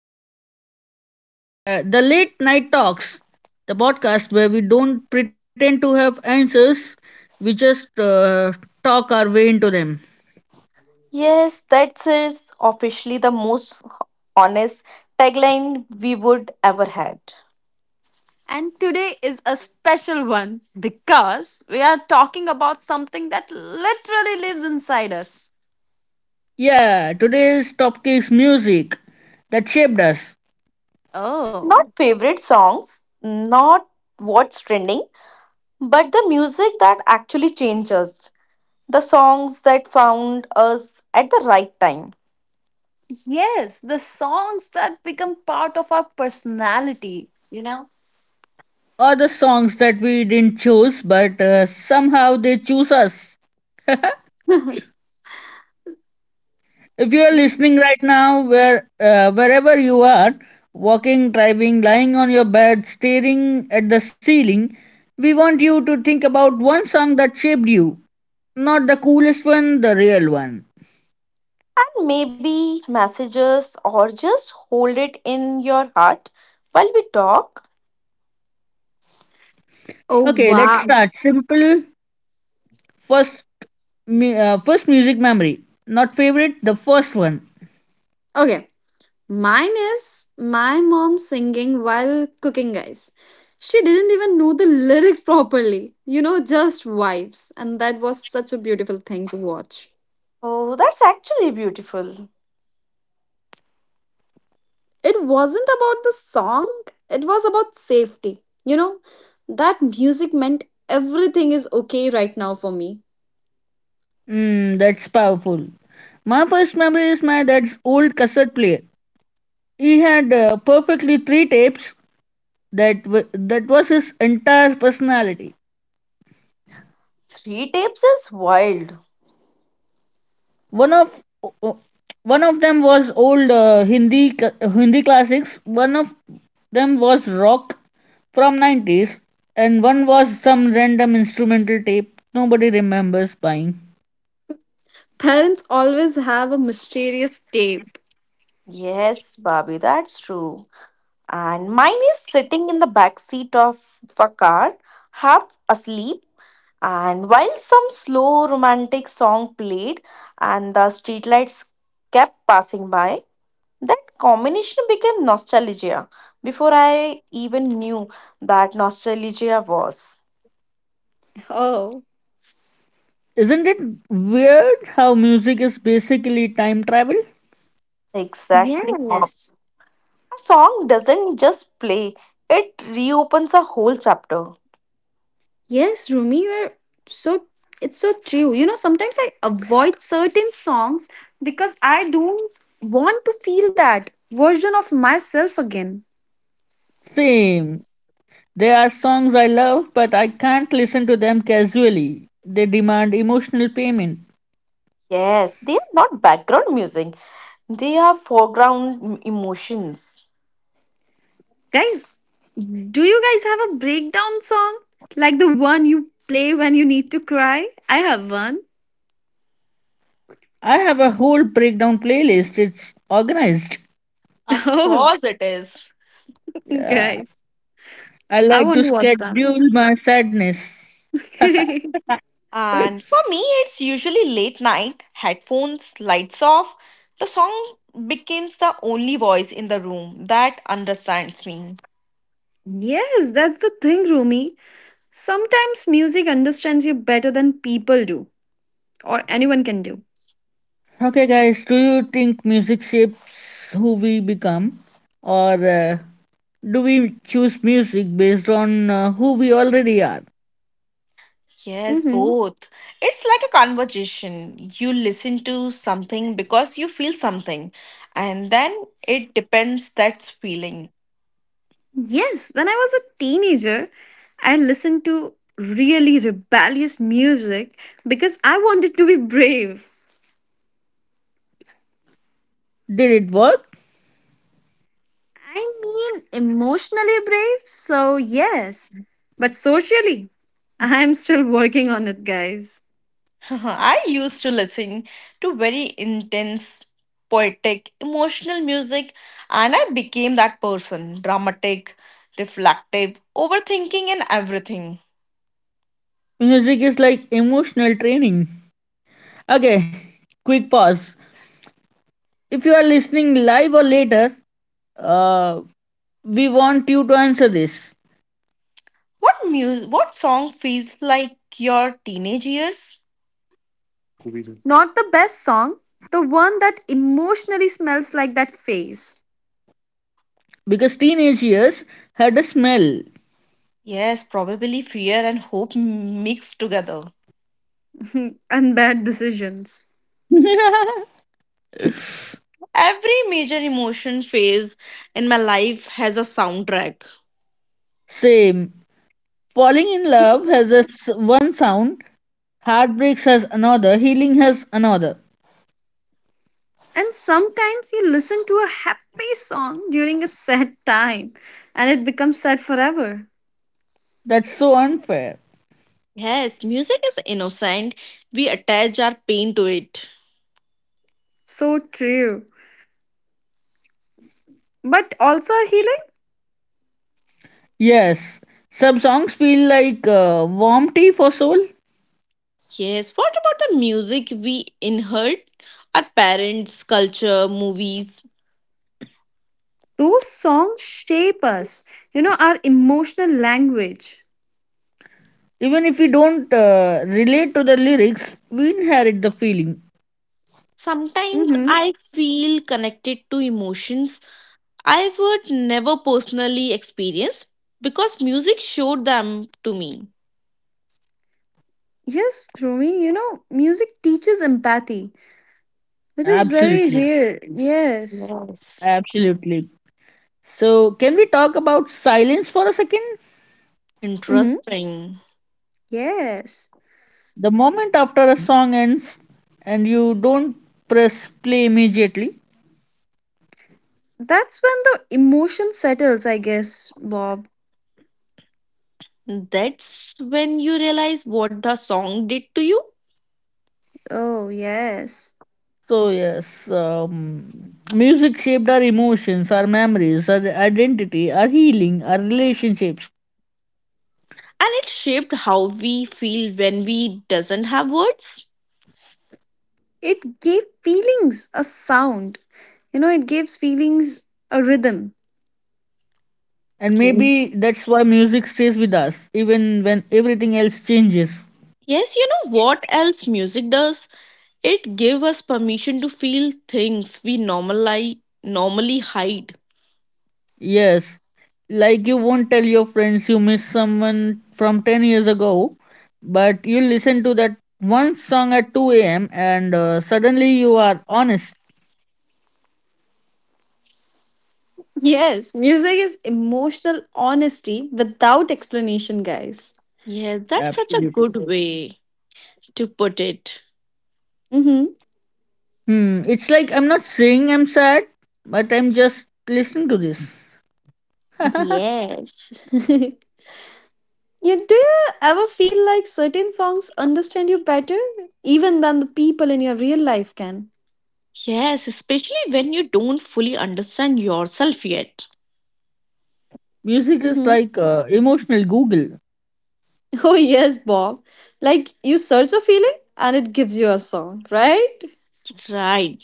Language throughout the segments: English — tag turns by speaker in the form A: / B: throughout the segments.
A: episode of Let Let's the Late Night Talks, the podcast where we don't pretend to have answers, we just talk our way into them.
B: Yes, that is officially the most honest tagline we would ever had.
C: And today is a special one because we are talking about something that literally lives inside us.
A: Yeah, today's topic is music that shaped us,
C: Oh,
B: Not favorite songs, not what's trending, but the music that actually changed us. The songs that found us at the right time.
C: yes, the songs that become part of our personality, you know?
A: or the songs that we didn't choose, but somehow they choose us. If you are listening right now, wherever you are, walking, driving, lying on your bed, staring at the ceiling, we want you to think about one song that shaped you, not the coolest one, the real one.
B: And maybe messages or just hold it in your heart while we talk.
C: Oh,
A: Okay, let's
C: wow.
A: start. Simple first, first music memory. Not favorite, the first one.
C: Okay, mine is my mom singing while cooking, guys. She didn't even know the lyrics properly, just vibes. And that was such a beautiful thing to watch.
B: Oh, that's actually beautiful.
C: It wasn't about the song. It was about safety. You know that music meant everything is okay right now for me.
A: Mm, that's powerful. My first memory is my dad's old cassette player. He had perfectly three tapes that was his entire personality.
B: Three tapes is wild.
A: One of one of them was old hindi classics. One of them was rock from '90s, and one was some random instrumental tape nobody remembers buying.
C: Parents always have a mysterious tape.
B: Yes, Bobby, that's true. And mine is sitting in the back seat of a car, half asleep, and while some slow romantic song played and the streetlights kept passing by, that combination became nostalgia before I even knew that nostalgia was.
C: Oh,
A: Isn't it weird how music is basically time travel?
B: Exactly, a
C: yes.
B: song doesn't just play, it reopens a whole chapter.
C: Yes, Rumi, you're so it's so true. Sometimes I avoid certain songs because I don't want to feel that version of myself again.
A: Same. There are songs I love but I can't listen to them casually. They demand emotional payment.
B: Yes, they are not background music, they are foreground emotions.
C: Guys, do you guys have a breakdown song? Like the one you play when you need to cry? I have one.
A: I have a whole breakdown playlist. It's organized.
B: Of course it is.
C: Oh,
A: Yeah.
C: guys,
A: I
C: I
A: like
C: want
A: to
C: to watch them.
A: schedule my sadness.
B: And for me, it's usually late night, headphones, lights off. The song becomes the only voice in the room that understands me.
C: Yes, that's the thing, Rumi. Sometimes music understands you better than people do, or anyone can do.
A: Okay, guys, do you think music shapes who we become? Or do we choose music based on who we already are?
B: Yes,
C: Hmm.
B: both. It's like a conversation. You listen to something because you feel something, and then it depends that's feeling.
C: Yes, when I was a teenager, I listened to really rebellious music because I wanted to be brave.
A: Did it work?
C: I mean, emotionally brave, so yes. But socially, I'm still working on it, guys.
B: I used to listen to very intense, poetic, emotional music, and I became that person, dramatic, reflective, overthinking, and everything.
A: Music is like emotional training. Okay, quick pause. If you are listening live or later, uh, we want you to answer this,
B: What song feels like your teenage years?
C: Not the best song, the one that emotionally smells like that face.
A: because teenage years had a smell.
B: Yes, probably fear and hope mixed together.
C: And bad decisions.
B: Every major emotion phase in my life has a soundtrack.
A: Same. Falling in love has a one sound, heartbreaks has another, healing has another.
C: And sometimes you listen to a happy song during a sad time and it becomes sad forever.
A: That's so unfair.
B: Yes, music is innocent. We attach our pain to it.
C: So true. But also our healing,
A: Yes, some songs feel like warm tea for soul.
B: Yes, what about the music we inherit? Our parents' culture, movies.
C: those songs shape us, our emotional language.
A: Even if we don't relate to the lyrics, we inherit the feeling.
B: Sometimes
C: Mhm.
B: I feel connected to emotions I would never personally experience because music showed them to me.
C: Yes, Rumi, music teaches empathy, which is very, yes,
A: Absolutely.
C: rare. Yes.
B: Yes.
A: Absolutely. So, can we talk about silence for a second?
C: Mm-hmm.
B: Interesting.
C: Yes.
A: The moment after a song ends and you don't press play immediately,
C: That's when the emotion settles, I guess, Bob.
B: That's when you realize what the song did to you,
C: Oh, yes.
A: so, yes, music shaped our emotions, our memories, our identity, our healing, our relationships.
B: and it shaped how we feel when we doesn't have words.
C: It gave feelings a sound. You know, it gives feelings a rhythm.
A: And
B: Yeah.
A: maybe that's why music stays with us, even when everything else changes.
B: Yes, you know what else music does? It gave us permission to feel things we normally hide.
A: Yes, like you won't tell your friends you miss someone from 10 years ago, but you listen to that one song at 2 a.m. and suddenly you are honest.
C: Yes, music is emotional honesty without explanation, guys.
B: Yeah, that's such a
A: Absolutely.
B: good way to put it.
C: Mm-hmm.
A: Hmm, it's like I'm not saying I'm sad, but I'm just listening to this.
C: Yes. You do you ever feel like certain songs understand you better even than the people in your real life can?
B: Yes, especially when you don't fully understand yourself yet.
A: Music is
C: Hmm.
A: like emotional Google.
C: Oh yes, Bob. Like you search a feeling and it gives you a song, right?
B: Right.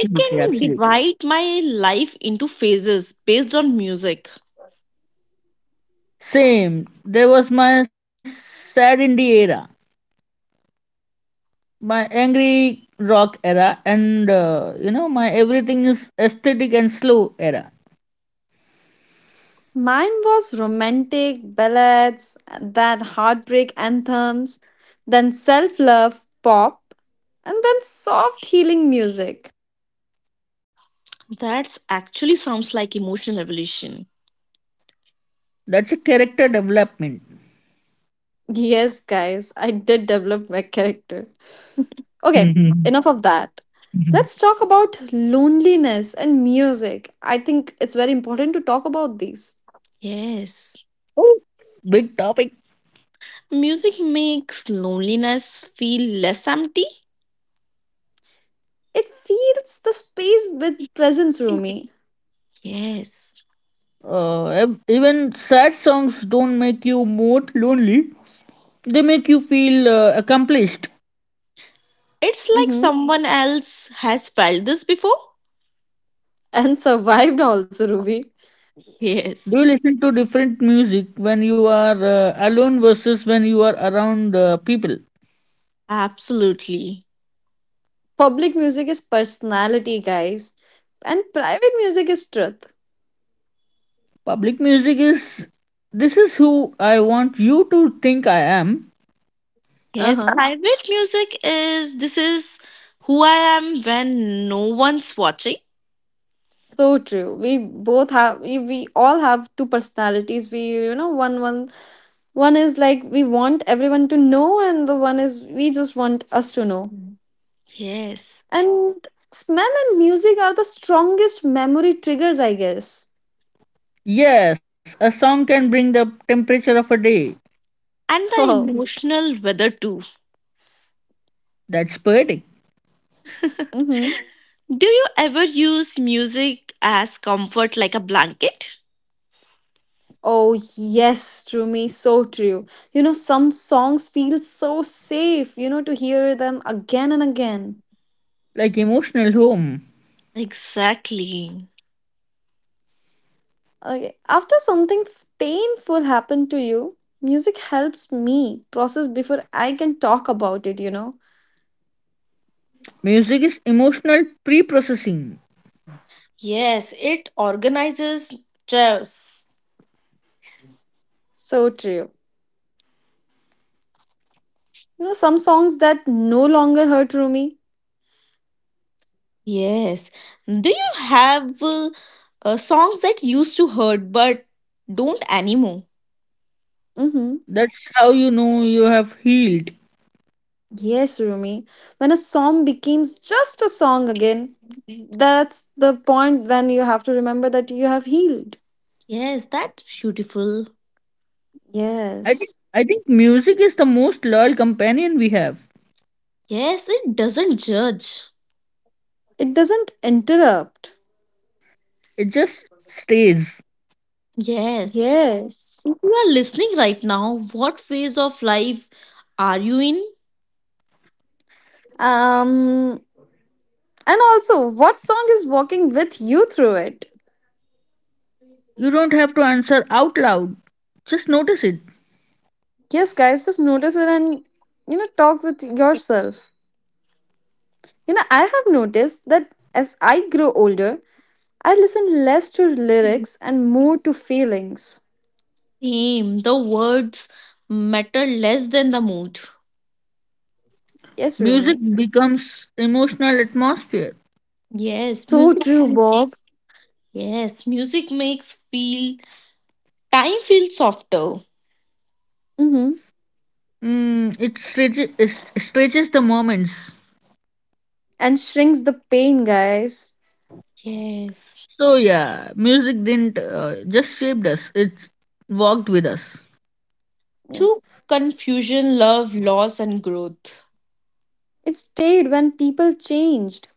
B: I can
A: absolutely.
B: divide my life into phases based on music.
A: Same. There was my sad indie era, my angry rock era, and you know my everything is aesthetic and slow era.
C: Mine was romantic ballads, then heartbreak anthems, then self-love pop, and then soft healing music.
B: That's actually sounds like emotional evolution.
A: That's a character development.
C: Yes, guys, I did develop my character. Okay,
A: Mhm.
C: enough of that.
A: Mhm.
C: Let's talk about loneliness and music. I think it's very important to talk about these.
B: Yes.
A: Oh, big topic.
B: Music makes loneliness feel less empty.
C: It fills the space with presence, Rumi.
B: Yes.
A: Even sad songs don't make you more lonely. They make you feel accomplished.
B: It's like
C: Mm-hmm.
B: someone else has felt this before.
C: And survived also, Ruby.
A: Do
B: Yes,
A: you listen to different music when you are alone versus when you are around people?
B: absolutely.
C: Public music is personality, guys. And private music is truth.
A: Public music is this is who I want you to think I am.
C: Uh
B: Yes,
C: huh.
B: private music is, this is who I am when no one's watching.
C: So true. We all have two personalities. We you know one one one is like, we want everyone to know, and the one is we just want us to know.
B: Mm. Yes.
C: And smell and music are the strongest memory triggers, I guess.
A: Yes, a song can bring the temperature of a day.
B: And the
C: Oh.
B: emotional weather too.
A: That's poetic.
C: Mm-hmm.
B: Do you ever use music as comfort, like a blanket?
C: Oh yes, Rumi, so true. Some songs feel so safe, to hear them again and again.
A: Like emotional home.
B: Exactly.
C: Okay. After something painful happened to you, music helps me process before I can talk about it.
A: Music is emotional pre-processing.
B: Yes, it organizes stress.
C: So true. Some songs that no longer hurt Rumi.
B: Yes. Do you have songs that used to hurt but don't anymore?
C: Mm-hmm.
A: That's how you know you have healed.
C: Yes, Rumi. When a song becomes just a song again, that's the point when you have to remember that you have healed.
B: Yes, that's beautiful.
A: I think
C: Yes.
A: I think music is the most loyal companion we have.
B: Yes, it doesn't judge.
C: It doesn't interrupt.
A: It just stays.
B: Yes.
C: Yes.
B: If you are listening right now, what phase of life are you in?
C: Um and also, what song is walking with you through it?
A: You don't have to answer out loud. Just notice it.
C: Yes, guys, just notice it and talk with yourself. I have noticed that as I grow older, I listen less to
B: Mhm.
C: lyrics and more to feelings.
B: Same. The words matter less than the mood.
C: Yes,
A: Music
C: Rumi.
A: becomes emotional atmosphere.
B: Yes,
C: So
B: music
C: true, Bob.
B: makes yes, music makes feel time feel softer.
C: Mm-hmm.
A: Mm, it stretches the moments.
C: And shrinks the pain, guys.
B: Yes.
A: So yeah, music didn't just shaped us. It walked with us,
C: Yes.
B: Through confusion, love, loss, and growth.
C: It stayed when people changed.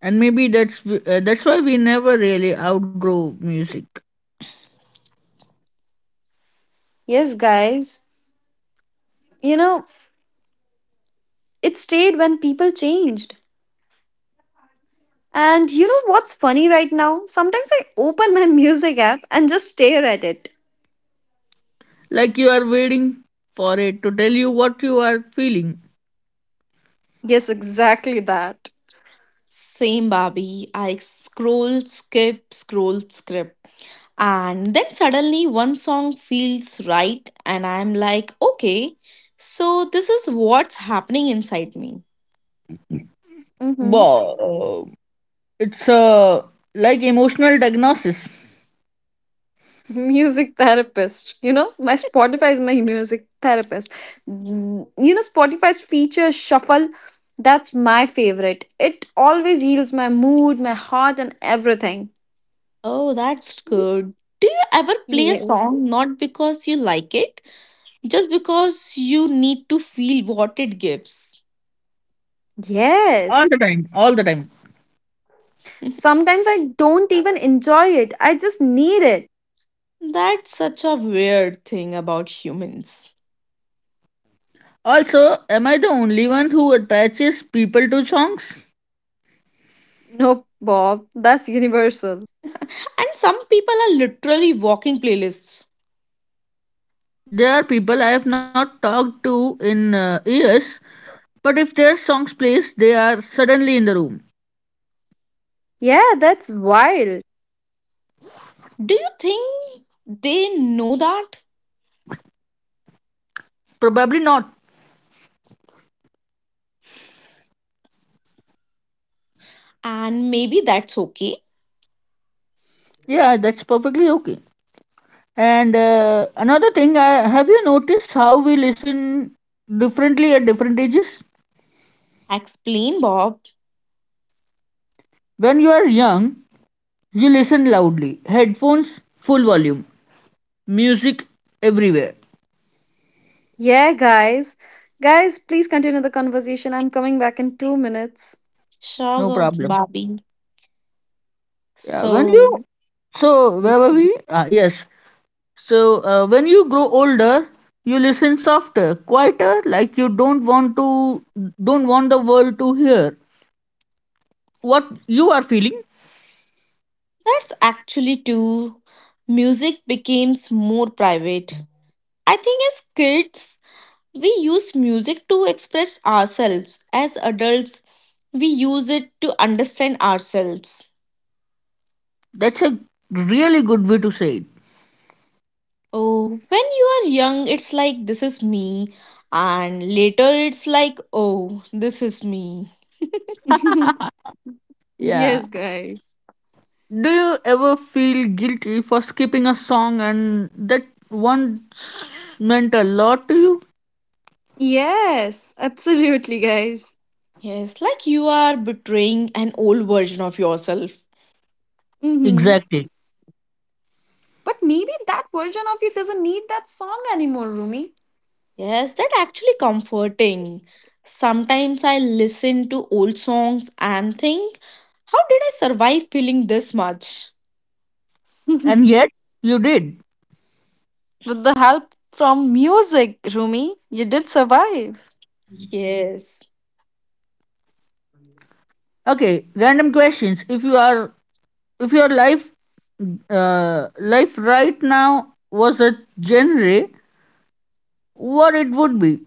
A: and maybe that's why we never really outgrow music.
C: Yes, guys. You know, it stayed when people changed. And you know what's funny right now? Sometimes I open my music app and just stare at it.
A: Like you are waiting for it to tell you what you are feeling.
C: Yes, exactly that.
B: Same, Barbie. I scroll, skip, scroll, skip. And then suddenly one song feels right, and I'm like, okay, so this is what's happening inside me.
C: Hmm.
A: Wow, it's like emotional diagnosis
C: Music therapist. My Spotify is my music therapist. Spotify's feature shuffle, that's my favorite. It always heals my mood, my heart, and everything.
B: Oh, that's good. Do you ever play a
C: Yes.
B: song not because you like it, just because you need to feel what it gives?
A: all
C: Yes.
A: the time, all the time.
C: Sometimes I don't even enjoy it. I just need it.
B: That's such a weird thing about humans.
A: Also, am I the only one who attaches people to songs?
C: Nope, Bob. That's universal.
B: And some people are literally walking playlists.
A: There are people I have not talked to in years, but if their songs plays, they are suddenly in the room.
C: Yeah, that's wild.
B: Do you think they know that?
A: Probably not.
B: And maybe that's okay.
A: Yeah, that's perfectly okay. And another thing, I, have you noticed how we listen differently at different ages?
B: Explain, Bob.
A: When you are young, you listen loudly, headphones, full volume, music everywhere,
C: Yeah, guys. Guys, please continue the conversation. I'm coming back in 2 minutes.
A: no
B: Sugar,
A: problem.
B: Bobby.
A: Yeah, when
B: So
A: you where were
B: that's
A: we? Ah, yes. So, when you grow older, you listen softer, quieter, like you don't want the world to hear what you are feeling.
B: actually too. Music becomes more private, I think. As kids, we use music to express ourselves. As adults, we use it to understand ourselves.
A: That's a really good way to say it.
B: Oh, when you are young, it's like, this is me. And later, it's like, oh, this is me.
A: Yeah.
C: Yes, guys.
A: Do you ever feel guilty for skipping a song and that once meant a lot to you?
C: Yes, absolutely, guys.
B: Yes, like you are betraying an old version of yourself.
C: Mm-hmm.
A: Exactly.
C: But maybe that version of you doesn't need that song anymore, Rumi.
B: Yes, that actually comforting. Sometimes I listen to old songs and think, how did I survive feeling this much?
C: With
A: And yet you did.
C: the help from music, Rumi, you did survive.
B: Yes.
A: Okay, random questions. If your life life right now was a genre, what it would be?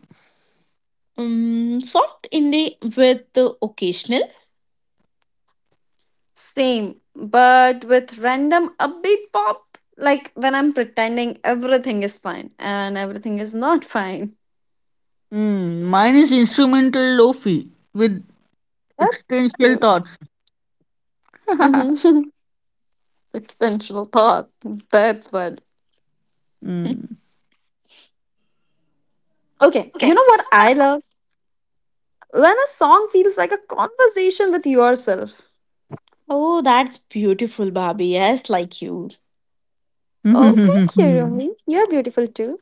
B: Soft indie with the occasional.
C: Same, but with random upbeat pop, like when I'm pretending everything is fine and everything is not fine.
A: Hmm, mine is instrumental lofi with
C: That's
A: existential
C: cute.
A: thoughts.
C: Mm-hmm. Extensional thought. That's what.
A: Mm.
C: Okay, you
B: Okay.
C: know what I love? When a song feels like a conversation with yourself.
B: Oh, that's beautiful, Barbie. Yes, like you.
C: Oh, thank you, Rumi. You're beautiful too.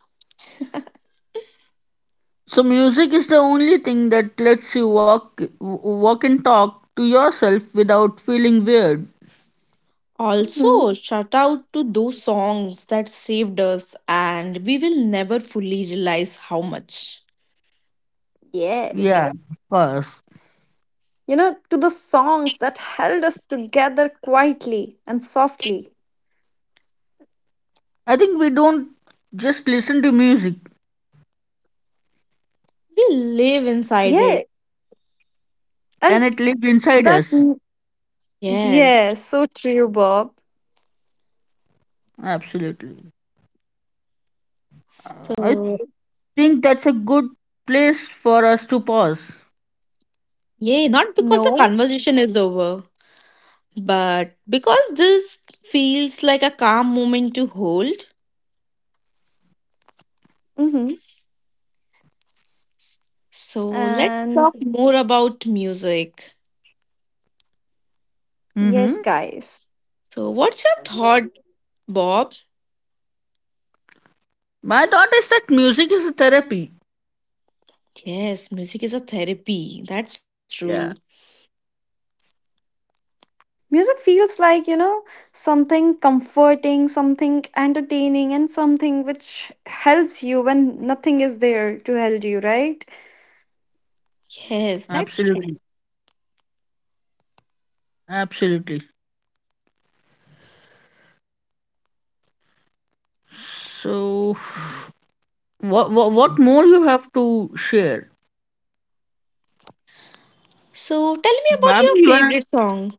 A: So music is the only thing that lets you walk and talk to yourself without feeling weird.
C: Hmm.
B: Also, shout out to those songs that saved us, and we will never fully realize how much
A: Yeah,
C: Yes.
A: of course.
C: To the songs that held us together quietly and softly.
A: I think we don't just listen to music
B: we live inside it.
C: Yeah.
A: and
C: And
A: it lives inside
C: that,
A: us.
B: Yes.
C: yes, so true, Bob.
A: Absolutely. I
B: So,
A: think that's a good place for us to pause.
B: yeah, not because the
C: No.
B: conversation is over, but because this feels like a calm moment to hold.
C: Mm-hmm.
B: So, let's
C: And
B: talk more about music.
C: yes,
A: Hmm.
C: guys.
B: So, what's your thought, Bob?
A: My thought is that music is a therapy.
B: Yes, music is a therapy. That's true.
A: Yeah,
C: Music feels like, something comforting, something entertaining, and something which helps you when nothing is there to help you, right?
B: Yes, that's
A: absolutely,
B: true.
A: absolutely. So, what more you have to share?
B: So, tell me about
A: Bobby,
B: your
A: you wanna-
B: favorite song.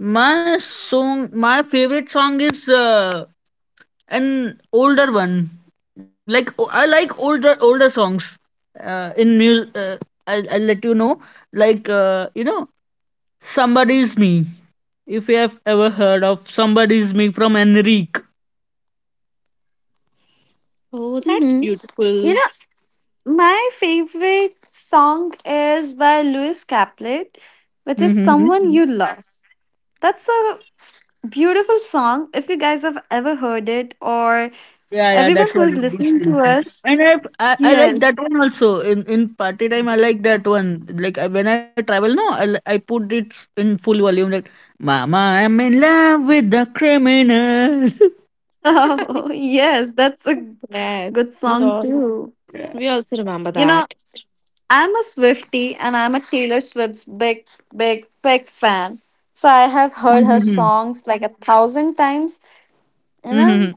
A: my song, my favorite song is an older one. Like I like older songs. In music, I'll let you know. Like you know, somebody's me. If you have ever heard of somebody's me from Enrique.
B: Oh, that's
C: Mm-hmm. You
B: beautiful.
C: know, my favorite song is by Lewis Caplet, which is Someone You Love. That's a beautiful song. If you guys have ever heard it, or
A: Yeah, yeah,
C: everyone
A: that's
C: who
A: what
C: is
A: it is.
C: listening to us,
A: And I like
C: yes.
A: that one also. In party time, I like that one. Like I, when I travel, no, I put it in full volume. Like, Mama, I'm in love with the criminal.
C: Oh, yes, that's a
B: Yes,
C: good
B: we
C: song
B: all
C: too.
B: we also remember
C: You know,
B: that.
C: I'm a Swiftie, and I'm a Taylor Swift's big, big, big fan. So I have heard her
A: Mm-hmm.
C: songs like a thousand times. You know?
A: Mm-hmm.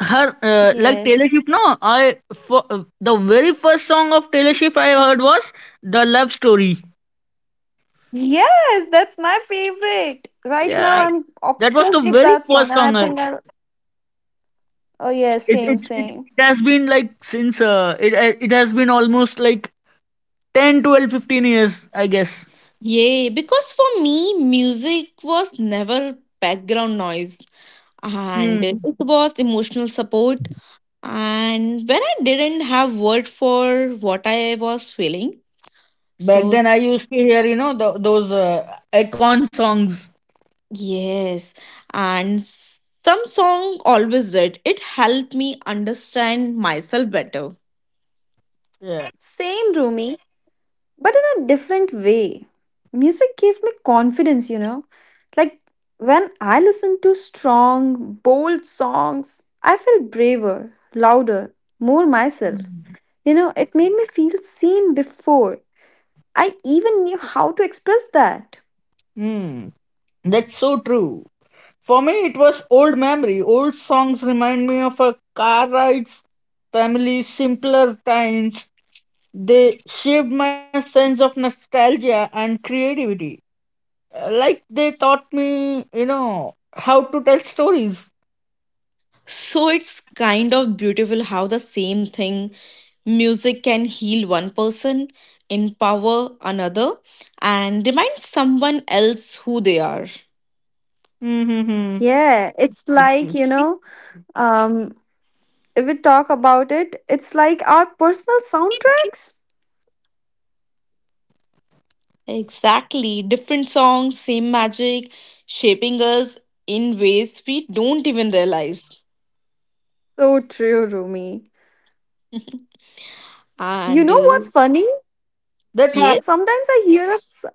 A: Her like Taylor
C: Yes.
A: Swift. No, I for, the very first song of Taylor Swift I heard was the Love Story.
C: Yes, that's my favorite. Right now
A: Yeah,
C: I'm
A: that was
C: obsessed
A: the
C: with
A: very
C: that song,
A: first
C: and I
A: song. I,
C: think I oh yeah,
A: it,
C: same,
A: it it
C: same.
A: it has been like since it has been almost like 10, 12, 15 years, I guess.
B: Yay, because for me, music was never background noise and
A: Hmm.
B: it was emotional support. And when I didn't have word for what I was feeling,
A: Back
B: so
A: then, I used to hear, you know, th- those icon songs.
B: yes, and some song always did. It helped me understand myself better.
A: Yeah.
C: Same Rumi, but in a different way. Music gave me confidence. Like when I listen to strong, bold songs, I feel braver, louder, more myself. It made me feel seen before I even knew how to express that.
A: Hmm. That's so true. For me, it was old memory. Old songs remind me of a car rides, family, simpler times. They shaped my sense of nostalgia and creativity. Like they taught me, you know, how to tell stories.
B: So it's kind of beautiful how the same thing, music, can heal one person, empower another, and remind someone else who they are.
A: Mm-hmm.
C: Yeah, it's likeum, if we talk about it, it's like our personal soundtracks.
B: Exactly, different songs, same magic, shaping us in ways we don't even realize.
C: So true, Rumi. You
B: And
C: know what's funny?
A: That ha-
B: yes.
C: Sometimes I hear a s-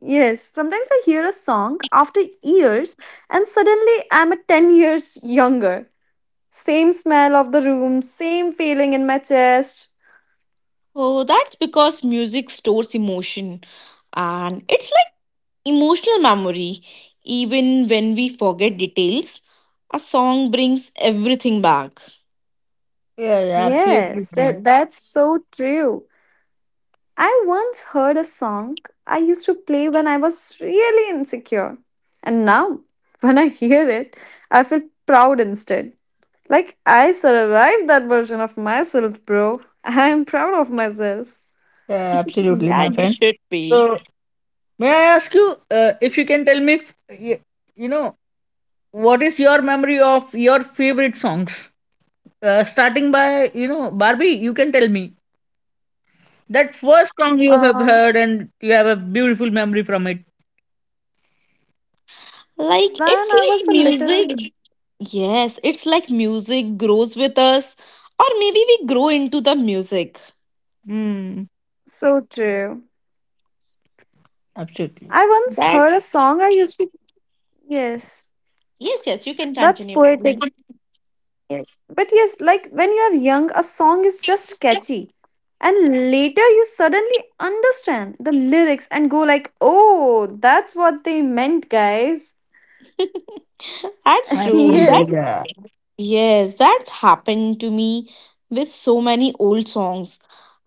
C: yes, sometimes I hear a song after years and suddenly I'm a 10 years younger. Same smell of the room, same feeling in my chest.
B: Oh, that's because music stores emotion, and it's like emotional memory. Even when we forget details, a song brings everything back.
A: yeah, yeah, absolutely.
C: Yes, that's so true. I once heard a song I used to play when I was really insecure. And now, when I hear it, I feel proud instead. Like I survived that version of myself, bro. I am proud of myself.
A: Yeah, absolutely, my
B: Yeah, you
A: friend.
B: should be.
A: So, may I ask you if you can tell me, if, y- you know, what is your memory of your favorite songs? Starting by, you know, Barbie, you can tell me that first song you have
C: Um,
A: heard and you have a beautiful memory from it.
B: Like,
C: then
B: it's
C: I was
B: like
C: a little,
B: music. Yes, it's like music grows with us, or maybe we grow into the music.
A: Hmm.
C: so true.
A: Absolutely.
C: I once
B: That's
C: heard a song I used to. Yes,
B: yes, yes, you can
C: that's
B: continue, please.
C: poetic. Yes. But yes, like when you are young, a song is just catchy. And later you suddenly understand the lyrics and go like, oh, that's what they meant, guys.
B: That's true.
A: Absolutely.
B: That
C: Yes.
A: Yeah.
B: yes, that's happened to me with so many old songs.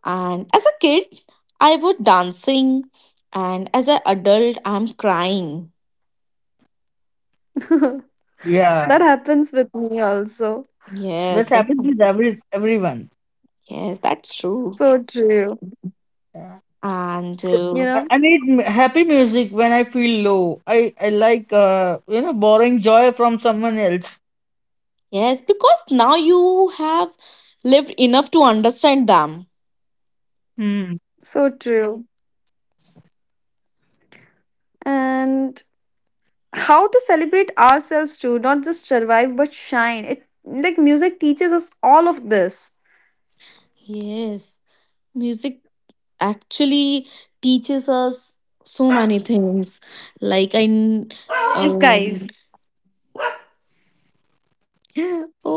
B: And as a kid, I was dancing, and as an adult, I'm crying.
C: That
A: Yeah.
C: happens with me also.
A: That
B: Yes, it's,
A: happens with everyone.
B: yes, that's true.
C: So true.
A: Yeah.
B: And
A: So,
C: You
A: I
C: know?
A: I need happy music when I feel low. I like you know borrowing joy from someone else.
B: Yes, because now you have lived enough to understand them.
C: So true. And how to celebrate ourselves too, not just survive but shine. It like music teaches us all of this.
B: Yes, music actually teaches us so many things. Like I, kn-
C: Yes, guys.
B: um,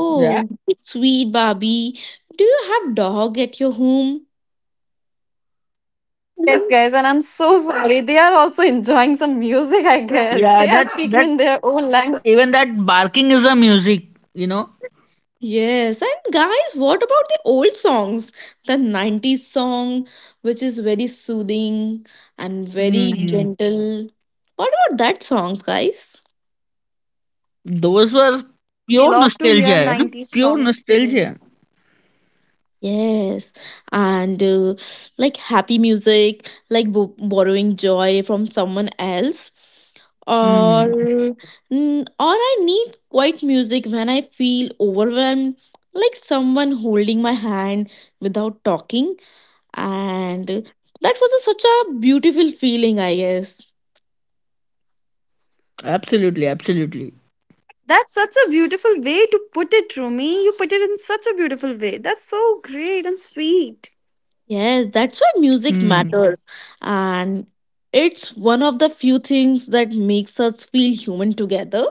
A: Yeah.
B: sweet Barbie. Do you have dog at your home?
C: Yes, guys, and I'm so sorry. They are also enjoying some music, I guess.
A: Yeah,
C: They are
A: that
C: speaking
A: that
C: in their own language.
A: even that barking is a music, you know.
B: Yes, and guys, what about the old songs? The 90s song, which is very soothing and very Mhm.
A: Mm.
B: gentle. What about that songs, guys?
A: Those were
C: I
A: pure
C: love to hear
A: nostalgia, you know?
C: 90s
A: Pure
C: songs too.
A: nostalgia.
B: Yes, and like happy music, like bo borrowing joy from someone else. Or
A: Mm.
B: or I need quiet music when I feel overwhelmed, like someone holding my hand without talking. And that was a, such a beautiful feeling, I guess.
A: Absolutely, absolutely.
C: That's such a beautiful way to put it, Rumi. You put it in such a beautiful way. That's so great and sweet.
B: Yes, that's why music
A: Mm.
B: matters, and it's one of the few things that makes us feel human together.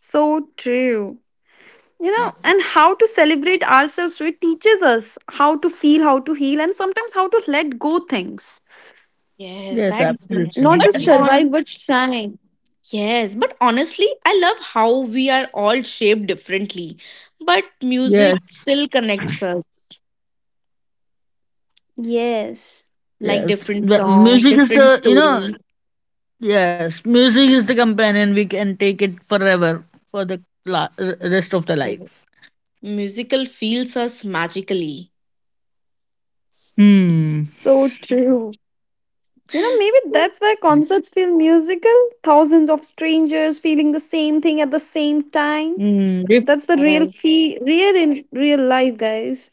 C: So true. You know,
B: And
C: and how to celebrate ourselves, so it teaches us how to feel, how to heal, and sometimes how to let go things.
B: yes,
A: Yes,
B: that's
A: absolutely.
C: Not
B: but
C: just survive,
B: on
C: but shine.
B: yes, but honestly, I love how we are all shaped differently, but
A: Yes,
B: music still connects us.
C: Yes.
B: Like
A: yes.
B: different
A: The
B: song,
A: music is
B: different
A: the, you know,
B: stories.
A: yes, music is the companion. We can take it forever for the rest of the life.
B: Yes. Musical feels us magically.
A: Hmm.
C: So true. You know, maybe
B: So,
C: that's why concerts feel musical. Thousands of strangers feeling the same thing at the same time.
A: Hmm.
C: That's the real
B: yes,
C: feel, real in real life, guys.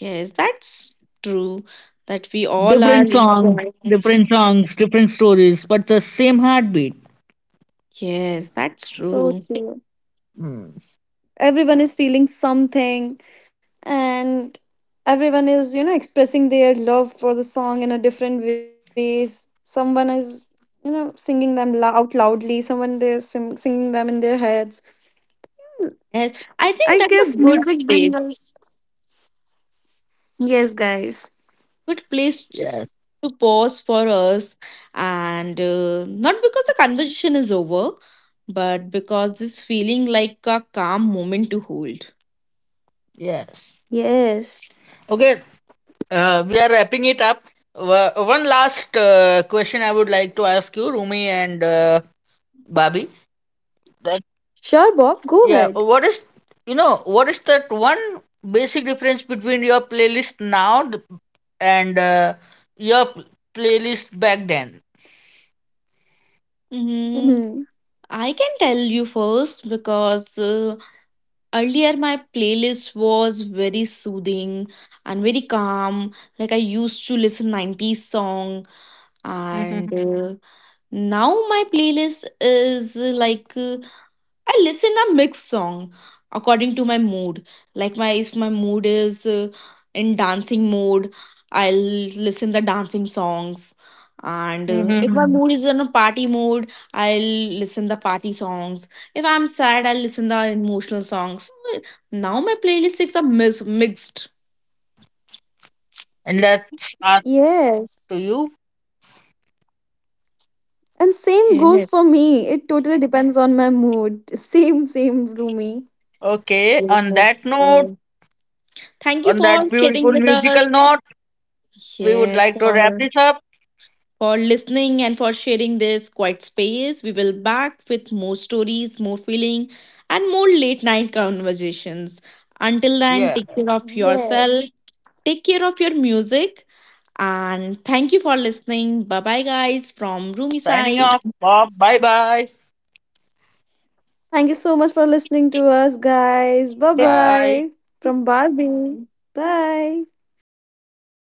B: yes, that's true. That we all are enjoying.
A: Different songs, different stories, but the same heartbeat.
B: Yes, that's
C: So
B: true.
C: true.
A: Hmm.
C: Everyone is feeling something, and everyone is, expressing their love for the song in a different ways. Someone is, singing them out loudly. Someone they're singing them in their heads.
B: Yes, I think
C: I
B: that's a
C: guess
B: good
C: music brings
B: place.
C: us. Yes, guys.
B: Good place
A: Yes,
B: to pause for us, and not because the conversation is over but because this feeling like a calm moment to hold.
A: yes.
C: Yes.
A: Okay, we are wrapping it up. One last question I would like to ask you, Rumi and Babi. That
C: Sure, Bob, go
A: yeah,
C: ahead.
A: what is what is that one basic difference between your playlist and your playlist back then?
B: Mm,
C: Mhm.
B: I can tell you first because earlier my playlist was very soothing and very calm. Like I used to listen 90s song, and
A: Mhm,
B: now my playlist is I listen a mixed song according to my mood. Like my if my mood is in dancing mode, I'll listen the dancing songs. And if my
A: mhm.
B: mood is in a party mode, I'll listen the party songs. If I'm sad, I'll listen the emotional songs. So, now my playlist is a mixed.
A: And let's ask
C: Yes.
A: to you.
C: And same goes
B: Yes.
C: for me. It totally depends on my mood. Same, same, Rumi.
A: Okay, on that
B: Yes.
A: note.
B: Thank you
A: On
B: for
A: that
B: sitting
A: beautiful
B: with
A: musical
B: us.
A: note, we would
B: Yes,
A: like to wrap
B: sir.
A: this up.
B: For listening and for sharing this quiet space. We will back with more stories, more feeling, and more late night conversations. Until then,
A: Yeah.
B: take care of yourself,
C: Yes.
B: take care of your music, and thank you for listening. Bye bye, guys, from Roomy
A: Signing
B: side.
A: off. Bob. Bye bye.
C: Thank you so much for listening to us, guys. Bye
B: Bye
A: Bye.
C: bye. From Barbie. Bye.
B: bye.